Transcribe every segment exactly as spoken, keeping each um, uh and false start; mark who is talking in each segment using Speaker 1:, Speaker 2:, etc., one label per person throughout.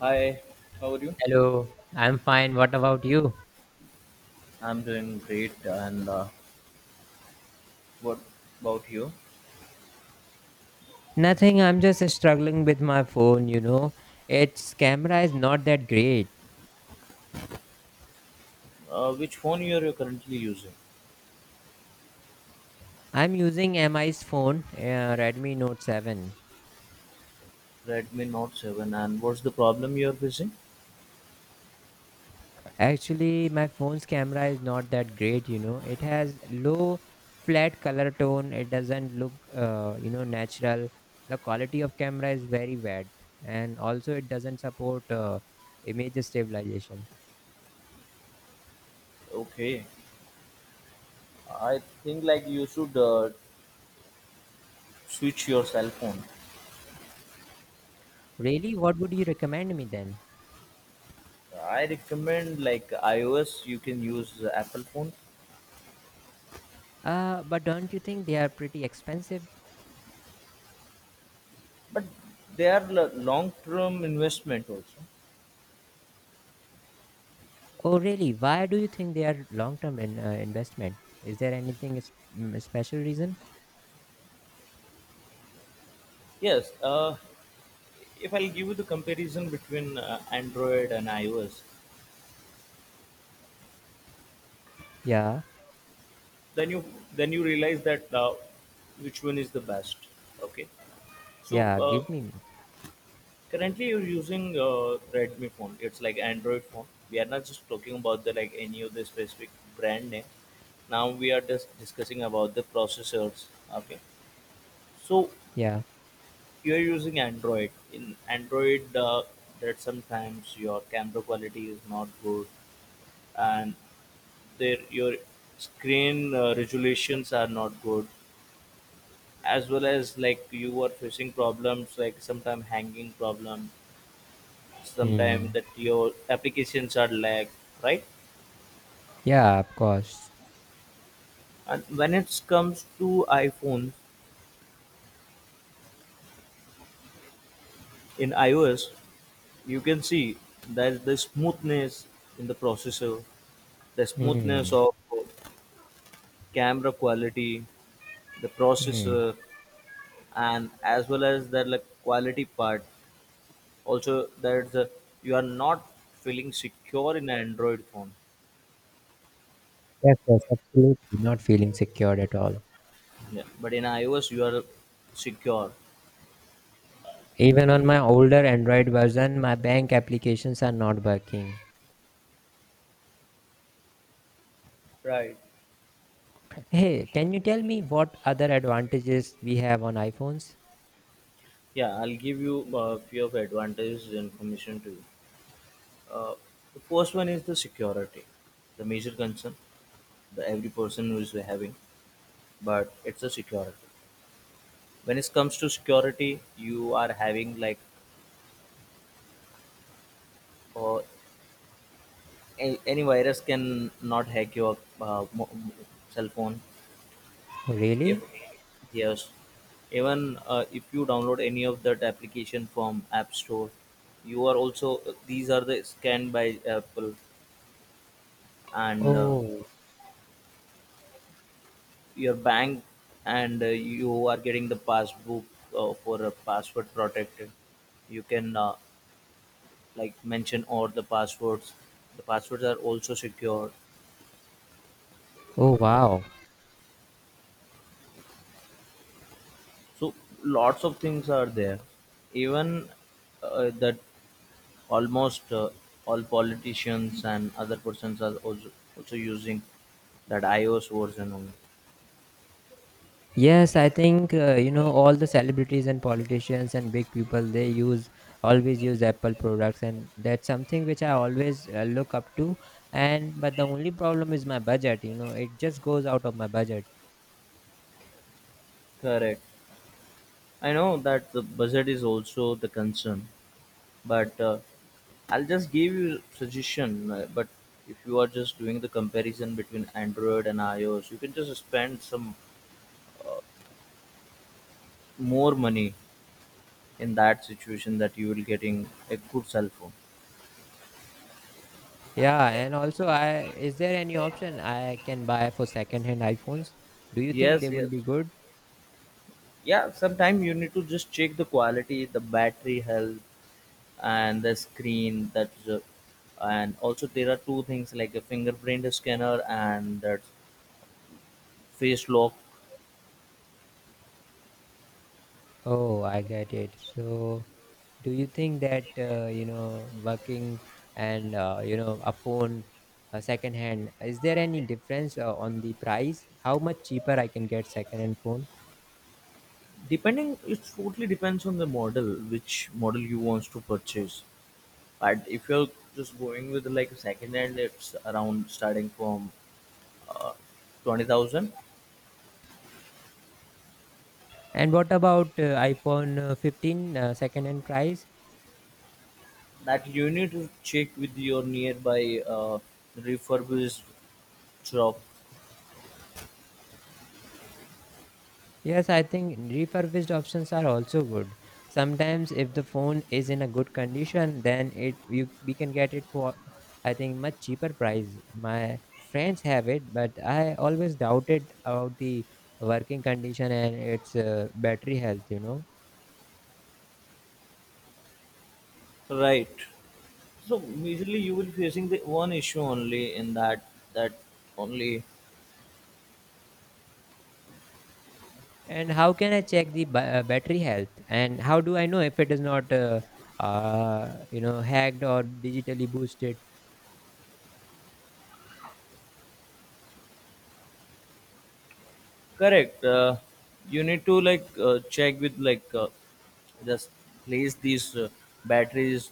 Speaker 1: Hi, how are you?
Speaker 2: Hello, I'm fine. What about you?
Speaker 1: I'm doing great, and uh, what about you?
Speaker 2: Nothing, I'm just struggling with my phone, you know. Its camera is not that great.
Speaker 1: Uh, which phone you are currently using?
Speaker 2: I'm using M I's phone, uh, Redmi Note seven.
Speaker 1: Redmi Note seven, and what's the problem you are facing?
Speaker 2: Actually, my phone's camera is not that great, you know. It has low flat color tone. It doesn't look, uh, you know, natural. The quality of camera is very bad. And also, it doesn't support uh, image stabilization.
Speaker 1: Okay, I think like you should uh, switch your cell phone.
Speaker 2: Really, what would you recommend me then?
Speaker 1: I recommend like iOS, you can use the Apple phone,
Speaker 2: Uh, but don't you think they are pretty expensive?
Speaker 1: but they are l- long-term investment also.
Speaker 2: Oh, really? Why do you think they are long-term in, uh, investment? Is there anything is, mm, special reason?
Speaker 1: Yes, uh, if I'll give you the comparison between uh, Android and iOS,
Speaker 2: Yeah,
Speaker 1: then you then you realize that uh, which one is the best. Okay, so
Speaker 2: yeah.
Speaker 1: uh,
Speaker 2: Give me.
Speaker 1: currently you're using uh, Redmi phone. It's like Android phone. We are not just talking about the like any of the specific brand name. Now we are just discussing about the processors. Okay, so
Speaker 2: Yeah.
Speaker 1: you are using Android. In Android uh, that sometimes your camera quality is not good, and there your screen uh, resolutions are not good, as well as like you were facing problems like sometime hanging problem, sometime
Speaker 2: Hmm.
Speaker 1: that your applications are lag, right?
Speaker 2: Yeah, of course.
Speaker 1: And when it comes to iPhone, in iOS you can see that the smoothness in the processor, the smoothness
Speaker 2: Hmm.
Speaker 1: of camera quality, the
Speaker 2: Hmm.
Speaker 1: processor, and as well as that like quality part also, that the, you are not feeling secure in an Android phone.
Speaker 2: Yes, yes, absolutely. Not feeling secured at all.
Speaker 1: Yeah, but in iOS you are secure.
Speaker 2: Even on my older Android version, my bank applications are not working.
Speaker 1: Right.
Speaker 2: Hey, can you tell me what other advantages we have on iPhones?
Speaker 1: Yeah, I'll give you a few of advantages information to you. Uh, the first one is the security, the major concern that every person who is having, but it's the security. When it comes to security, you are having like uh, a- any virus can not hack your uh, mo- mo- cell phone.
Speaker 2: Oh, really?
Speaker 1: If yes, even uh, if you download any of that application from app store, you are also these are the scanned by Apple, and uh,
Speaker 2: Oh,
Speaker 1: your bank, and uh, you are getting the passbook uh, for a password protected. You can uh, like mention all the passwords. The passwords are also secure,
Speaker 2: oh wow.
Speaker 1: so lots of things are there, even uh, that almost uh, all politicians and other persons are also, also using that iOS version only.
Speaker 2: Yes, I think uh, you know all the celebrities and politicians and big people they use always use Apple products, and that's something which I always uh, look up to, and but the only problem is my budget you know it just goes out of my budget.
Speaker 1: Correct. I know that the budget is also the concern, but uh, I'll just give you suggestion. uh, But if you are just doing the comparison between Android and iOS, you can just spend some more money, in that situation that you will getting a good cell phone.
Speaker 2: Yeah, and also I is there any option I can buy for second hand iPhones? Do you think they
Speaker 1: Yes,
Speaker 2: will
Speaker 1: yes,
Speaker 2: be good?
Speaker 1: yeah. Sometimes you need to just check the quality, the battery health, and the screen that uh, and also there are two things like a fingerprint scanner and that face lock.
Speaker 2: Oh, I get it. So, do you think that uh, you know working and uh, you know a phone uh, second hand, is there any difference uh, on the price? How much cheaper I can get second hand phone?
Speaker 1: Depending, it totally depends on the model, which model you wants to purchase, but if you're just going with like a second hand, it's around starting from uh, twenty thousand.
Speaker 2: And what about uh, iPhone uh, fifteen uh, second hand price?
Speaker 1: That you need to check with your nearby uh, refurbished shop.
Speaker 2: Yes, I think refurbished options are also good. Sometimes if the phone is in a good condition, then it you we can get it for, I think, much cheaper price. My friends have it, but I always doubted about the working condition and its uh, battery health, you know.
Speaker 1: Right, so usually you will facing the one issue only in that, that only.
Speaker 2: And how can I check the ba- uh, battery health? And how do I know if it is not uh, uh, you know hacked or digitally boosted?
Speaker 1: Correct. Uh, you need to like uh, check with like uh, just place these uh, batteries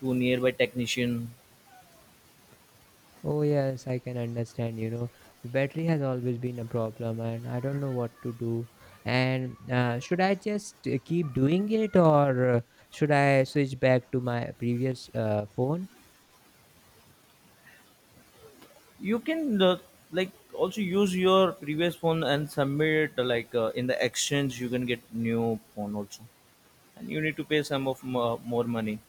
Speaker 1: to nearby technician.
Speaker 2: Oh, yes, I can understand. You know, battery has always been a problem, and I don't know what to do. And uh, should I just uh, keep doing it, or uh, should I switch back to my previous uh, phone?
Speaker 1: You can uh, like also use your previous phone and submit uh, like uh, in the exchange you can get new phone also, and you need to pay some of mo- more money.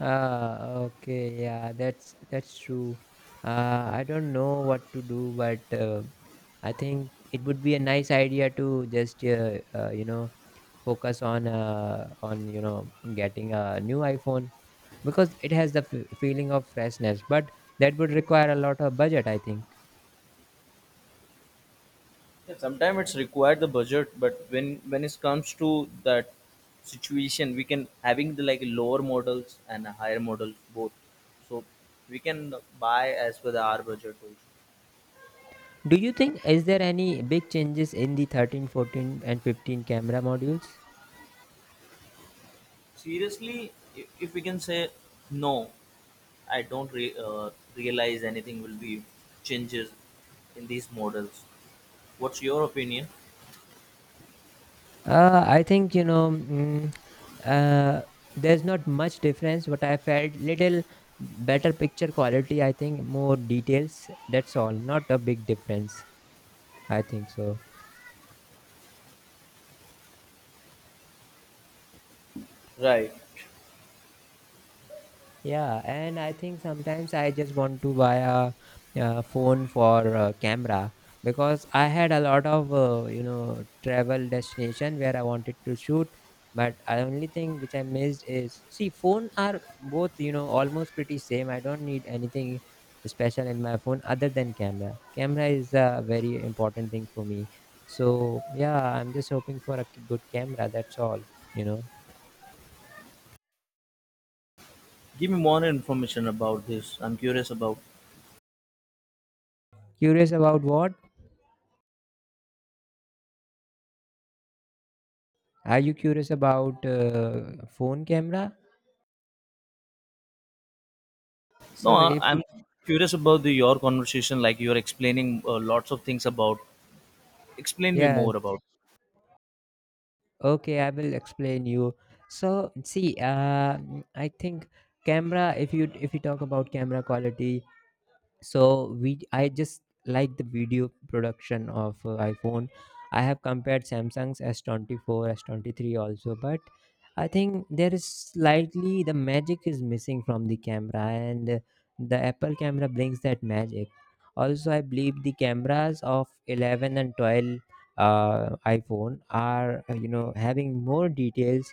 Speaker 2: Uh, okay, yeah, that's that's true. Uh, I don't know what to do, but uh, I think it would be a nice idea to just uh, uh, you know focus on uh, on you know getting a new iPhone, because it has the f- feeling of freshness, but that would require a lot of budget, I think.
Speaker 1: Yeah, sometimes it's required the budget, but when when it comes to that situation, we can having the like lower models and a higher model both, so we can buy as per the our budget also.
Speaker 2: Do you think, is there any big changes in the thirteen, fourteen, and fifteen camera modules?
Speaker 1: Seriously, if, if we can say no, I don't re- uh, realize anything will be changes in these models. What's your opinion?
Speaker 2: uh, I think, you know mm, uh, there's not much difference, but I felt little better picture quality, I think, more details. That's all, not a big difference, I think so.
Speaker 1: Right.
Speaker 2: Yeah, and I think sometimes I just want to buy a, uh phone for uh camera, because I had a lot of uh, you know travel destination where I wanted to shoot, but I only thing which I missed is, see, phone are both you know almost pretty same. I don't need anything special in my phone other than camera. Camera is a very important thing for me. So yeah, I'm just hoping for a good camera. That's all. You know,
Speaker 1: Give me more information about this. I'm curious about.
Speaker 2: Curious about what? Are you curious about uh, phone camera?
Speaker 1: No,
Speaker 2: So
Speaker 1: I-
Speaker 2: if you-
Speaker 1: I'm curious about the your conversation. Like you're explaining uh, lots of things about. Explain me
Speaker 2: yes,
Speaker 1: more about.
Speaker 2: okay, I will explain you. So see, uh, I think camera. If you if you talk about camera quality, so we I just like the video production of uh, iphone. I have compared samsung's s twenty four, S s23 also, but I think there is slightly the magic is missing from the camera, and uh, the apple camera brings that magic. Also, I believe the cameras of eleven and twelve uh, iphone are uh, you know having more details,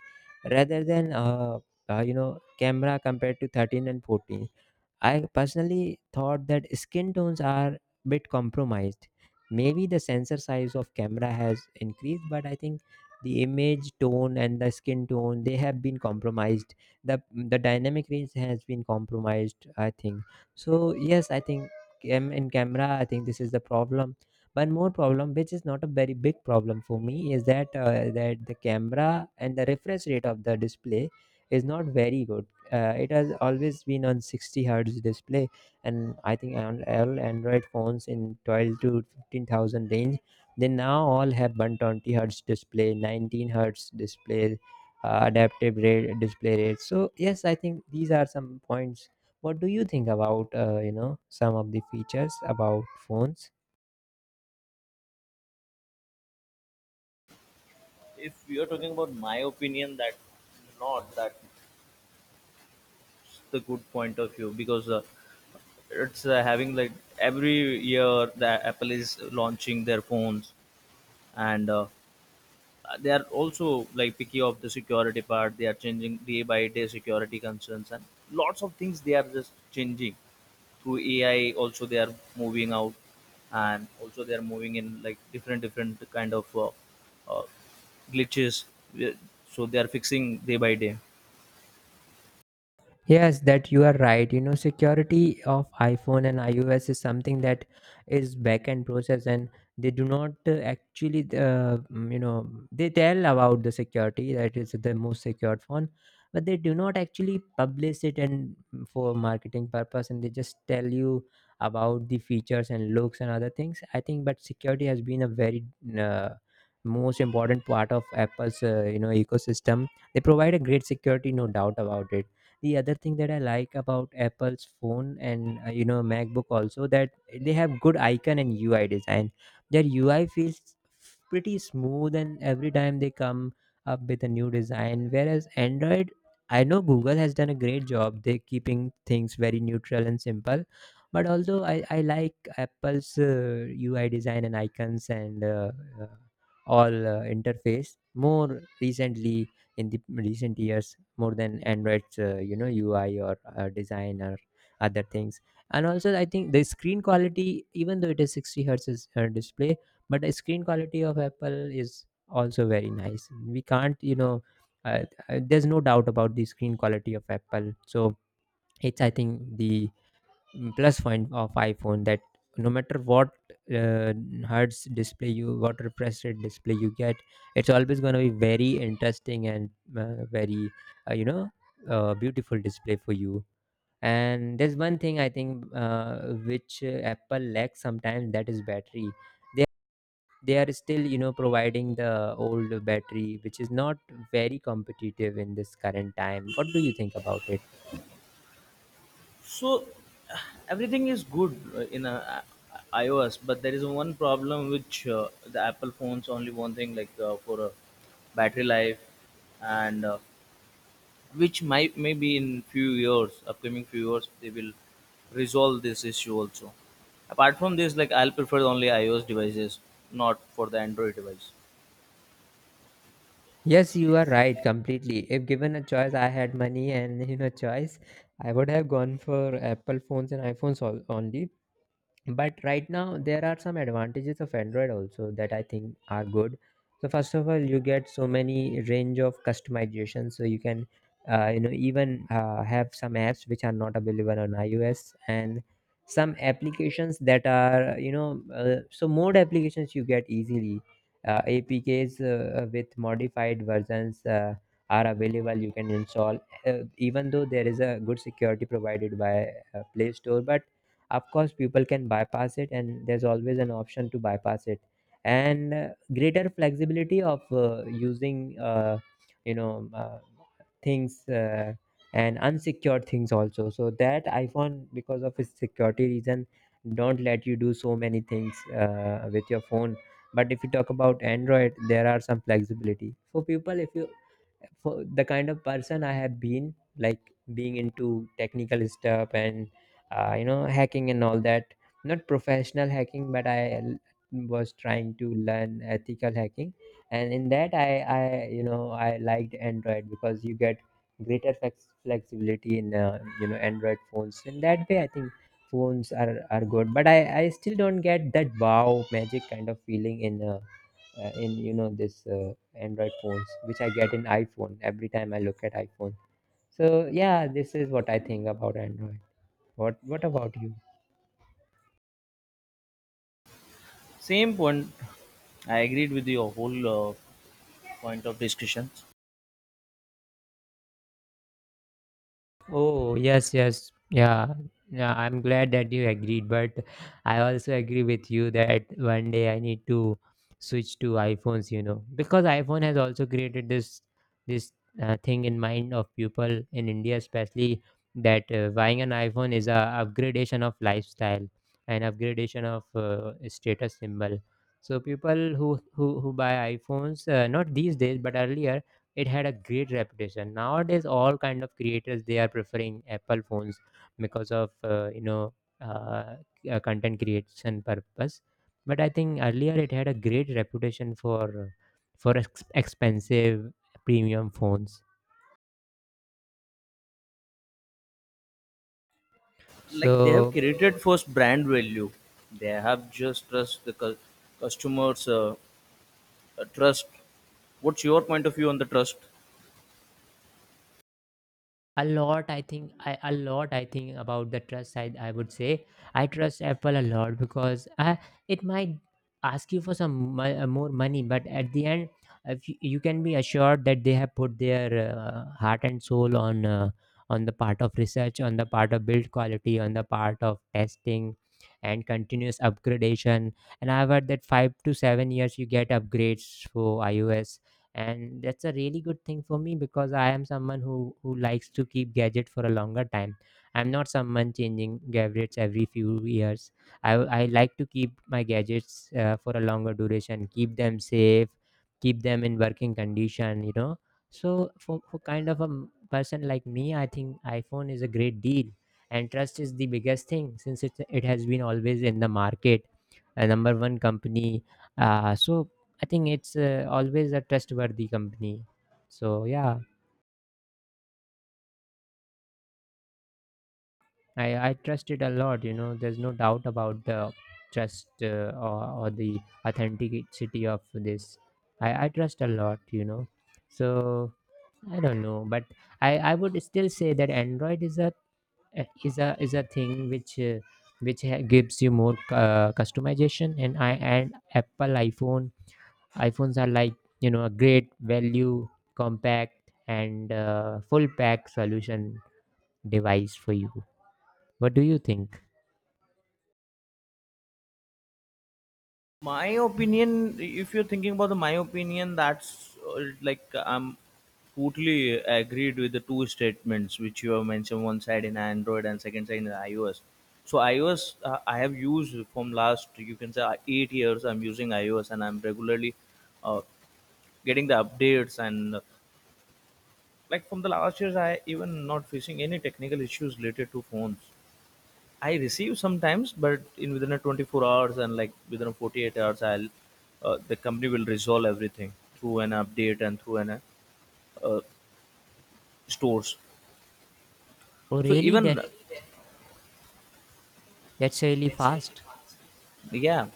Speaker 2: rather than uh, uh, you know camera compared to thirteen and fourteen. I personally thought that skin tones are bit compromised. Maybe the sensor size of camera has increased, but I think the image tone and the skin tone they have been compromised. The the dynamic range has been compromised. I think so. Yes, I think cam- in camera, I think this is the problem. One more problem, which is not a very big problem for me, is that uh, that the camera and the refresh rate of the display is not very good. Uh, it has always been on sixty hertz display, and I think on all android phones in twelve to fifteen thousand range, they now all have one twenty hertz display, nineteen hertz display, uh, adaptive rate display rate. So yes, I think these are some points. What do you think about uh, you know some of the features about phones?
Speaker 1: If you're talking about my opinion, that not that the good point of view, because uh, it's uh, having like every year the Apple is launching their phones, and uh, they are also like picky of the security part. They are changing day by day security concerns, and lots of things they are just changing through A I also. They are moving out, and also they are moving in like different different kind of uh, uh, glitches. We- so they are fixing day by day.
Speaker 2: Yes, that you are right. You know, security of iPhone and i O S is something that is back-end process, and they do not uh, actually, uh, mm, you know, they tell about the security that is the most secured phone, but they do not actually publish it, and mm, for marketing purpose, and they just tell you about the features and looks and other things, I think, but security has been a very uh, most important part of Apple's, uh, you know, ecosystem. They provide a great security, no doubt about it. The other thing that I like about apple's phone, and uh, you know macbook also, that they have good icon and U I design. Their U I feels pretty smooth, and every time they come up with a new design, whereas android. I know google has done a great job, they keeping things very neutral and simple, but although i, I like apple's uh, U I design and icons and uh, uh, all uh, interface more recently, in the recent years, more than android's uh, you know U I or uh, design or other things. And also, I think the screen quality, even though it is sixty hertz is, uh, display, but the screen quality of apple is also very nice. We can't, you know uh, uh, there's no doubt about the screen quality of apple. So it's, I think, the mm, plus point of iphone, that no matter what uh, hertz display you what refresh rate display you get, it's always going to be very interesting and uh, very uh, you know uh, beautiful display for you. And there's one thing I think, uh, which uh, apple lacks sometimes, that is battery. They they are still you know providing the old battery, which is not very competitive in this current time. What do you think about it?
Speaker 1: So everything is good uh, in uh, I- iOS, but there is one problem which uh, the Apple phones only one thing like uh, for uh, battery life, and uh, which might maybe in few years, upcoming few years, they will resolve this issue also. Apart from this, like I'll prefer only iOS devices, not for the Android device.
Speaker 2: Yes, you are right completely. If given a choice, I had money and you know choice, I would have gone for Apple phones and iPhones all, only. But right now there are some advantages of android also that I think are good. So first of all, you get so many range of customization, so you can uh, you know even uh, have some apps which are not available on i O S, and some applications that are you know uh, so more applications you get easily. uh, A P Ks uh, uh, with modified versions uh, are available, you can install, uh, even though there is a good security provided by uh, play store, but of course people can bypass it, and there's always an option to bypass it. And uh, greater flexibility of uh, using uh, you know uh, things, uh, and unsecured things also, so that iphone, because of its security reason, don't let you do so many things uh, with your phone. But if you talk about android, there are some flexibility for people, if you for the kind of person I have been, like being into technical stuff and uh, you know hacking and all that. Not professional hacking, but I l- was trying to learn ethical hacking, and in that I, I you know I liked Android, because you get greater flex- flexibility in uh, you know Android phones. In that way, I think phones are are good. But I I still don't get that wow magic kind of feeling in. Uh, uh, in you know this uh, Android phones, which I get in iPhone every time I look at iPhone. So yeah, this is what I think about Android. What what about you?
Speaker 1: Same point. I agreed with your whole uh, point of discussion.
Speaker 2: Oh, yes, yes. Yeah. Yeah, I'm glad that you agreed, but I also agree with you that one day I need to switch to iPhones, you know, because iPhone has also created this this uh, thing in mind of people in India especially, that uh, buying an iPhone is a upgradation of lifestyle, and upgradation of uh, status symbol. So people who who who buy iPhones, uh, not these days but earlier, it had a great reputation. Nowadays all kind of creators, they are preferring Apple phones because of, uh, you know uh, uh, content creation purpose. But I think earlier it had a great reputation for for ex- expensive premium phones.
Speaker 1: Like they have
Speaker 2: So
Speaker 1: created first brand value. They have just trust the cu- customers uh, uh, trust. What's your point of view on the trust?
Speaker 2: a lot, I think I, a lot I think about the trust side, I would say I trust Apple a lot because I, it might ask you for some mo- uh, more money, but at the end, if you, you can be assured that they have put their uh, heart and soul on uh, on the part of research, on the part of build quality, on the part of testing and continuous upgradation. And I've heard that five to seven years you get upgrades for iOS, and that's a really good thing for me because I am someone who who likes to keep gadget for a longer time. I'm not someone changing gadgets every few years. i, I like to keep my gadgets uh, for a longer duration, keep them safe, keep them in working condition, you know. So for, for kind of a m- person like me, I think iPhone is a great deal. And trust is the biggest thing since it, it has been always in the market a number one company. Uh, so I think it's uh, always a trustworthy company. So yeah, I I trust it a lot. You know, there's no doubt about the trust uh, or, or the authenticity of this. I I trust a lot. You know, so I don't know, but I I would still say that Android is a is a is a thing which. Uh, which ha- gives you more uh, customization. And i and apple iphone iPhones are like, you know, a great value, compact, and uh, full pack solution device for you. What do you think?
Speaker 1: My opinion, if you're thinking about the my opinion, that's uh, like I'm totally agreed with the two statements which you have mentioned, one side in Android and second side in iOS. So iOS uh, I have used from last, you can say, uh, eight years I'm using iOS, and I'm regularly uh, getting the updates, and uh, like from the last years I even not facing any technical issues related to phones. I receive sometimes, but in within a twenty-four hours, and like within a forty-eight hours, I'll uh, the company will resolve everything through an update and through an uh, uh, stores.
Speaker 2: Oh,
Speaker 1: So
Speaker 2: really?
Speaker 1: even
Speaker 2: That's that's really fast.
Speaker 1: yeah,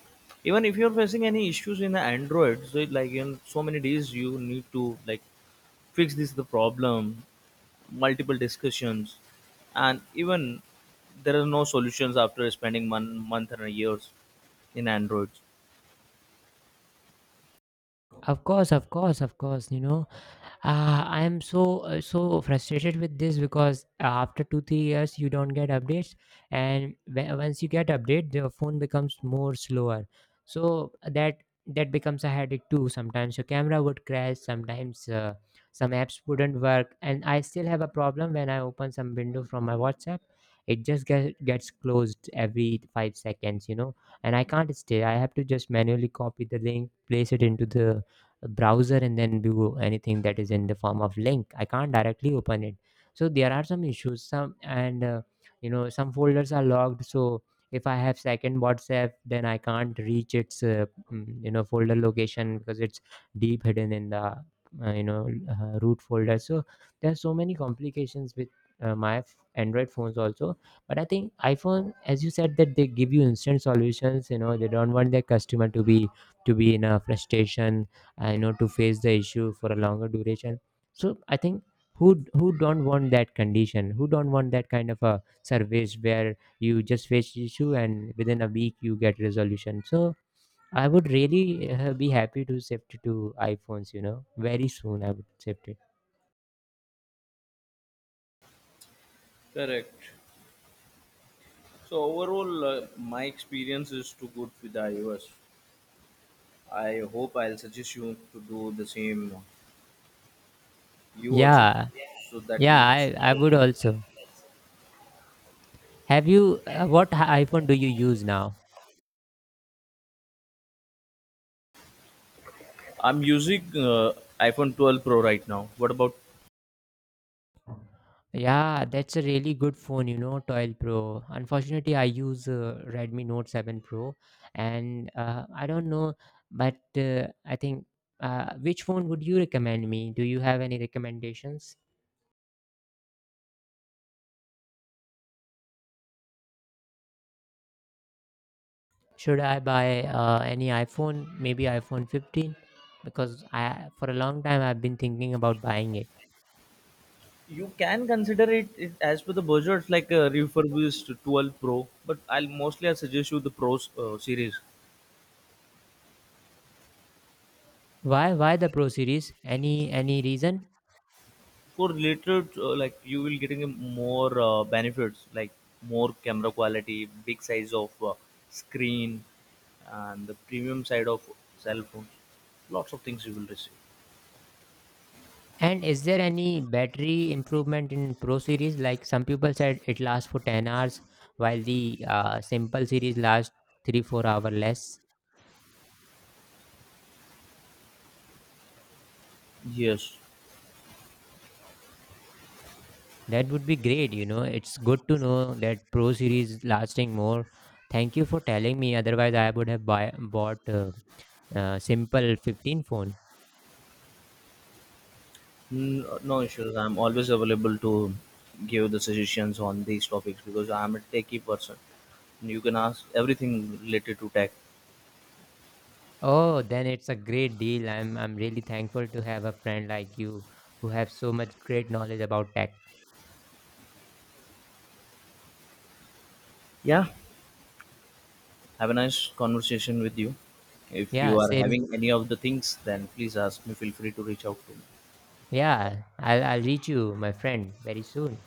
Speaker 1: even if you're facing any issues in the Android, so it, like in so many days you need to like fix this the problem, multiple discussions, and even there are no solutions after spending one month and years in Android.
Speaker 2: Of course, of course, of course. You know, uh, I am so uh, so frustrated with this because, uh, after two, three years you don't get updates, and w- once you get update the phone becomes more slower. So uh, that that becomes a headache too. Sometimes your camera would crash, sometimes uh, some apps wouldn't work. And I still have a problem. When I open some window from my WhatsApp, it just get, gets closed every five seconds, you know. And I can't stay, I have to just manually copy the link, place it into the browser, and then do anything that is in the form of link. I can't directly open it. So there are some issues some, and uh, you know some folders are logged. So if I have second WhatsApp, then I can't reach its uh, mm, you know folder location because it's deep hidden in the uh, you know uh, root folder. So there are so many complications with uh, my f- Android phones also. But I think iPhone, as you said, that they give you instant solutions, you know. They don't want their customer to be to be in a frustration. I know to face the issue for a longer duration. So I think who who don't want that condition? Who don't want that kind of a service where you just face the issue and within a week you get resolution? So I would really uh, be happy to shift to iPhones. You know, very soon I would shift it.
Speaker 1: Correct. So overall, uh, my experience is too good with the iOS. I hope I'll suggest you to do the same. You also,
Speaker 2: Yeah,
Speaker 1: so that will
Speaker 2: yeah,
Speaker 1: it's
Speaker 2: I I would
Speaker 1: okay.
Speaker 2: also. Have you uh, what iPhone do you use now?
Speaker 1: I'm using uh, iPhone twelve Pro right now. What about
Speaker 2: Yeah, that's a really good phone, you know, twelve Pro. Unfortunately, I use uh, Redmi Note seven Pro, and uh, I don't know, but uh, I think, uh, which phone would you recommend me? Do you have any recommendations? Should I buy uh, any iPhone, maybe iPhone fifteen? Because I, for a long time, I've been thinking about buying it.
Speaker 1: you? Can consider it, it as per the budget. It's like a refurbished twelve Pro. But I'll mostly I suggest you the Pro uh, series.
Speaker 2: Why? Why the Pro series? Any any reason?
Speaker 1: For related uh, like you will getting a more uh, benefits, like more camera quality, big size of uh, screen, and the premium side of cell phones, lots of things you will receive.
Speaker 2: And is there any battery improvement in Pro series? Like some people said, it lasts for ten hours, while the uh, simple series lasts three four hour less.
Speaker 1: Yes.
Speaker 2: That would be great, you know. It's good to know that Pro series is lasting more. Thank you for telling me, otherwise, I would have buy, bought a, uh simple fifteen phone.
Speaker 1: N- no issues, I'm always available to give the suggestions on these topics, because I'm a techie person. You can ask everything related to tech.
Speaker 2: Oh, then it's a great deal. I'm, I'm really thankful to have a friend like you who have so much great knowledge about tech.
Speaker 1: Yeah, have a nice conversation with you. If
Speaker 2: Yeah,
Speaker 1: you are
Speaker 2: same.
Speaker 1: having any of the things, then please ask me, feel free to reach out to me.
Speaker 2: Yeah, I'll, I'll reach you, my friend, very soon.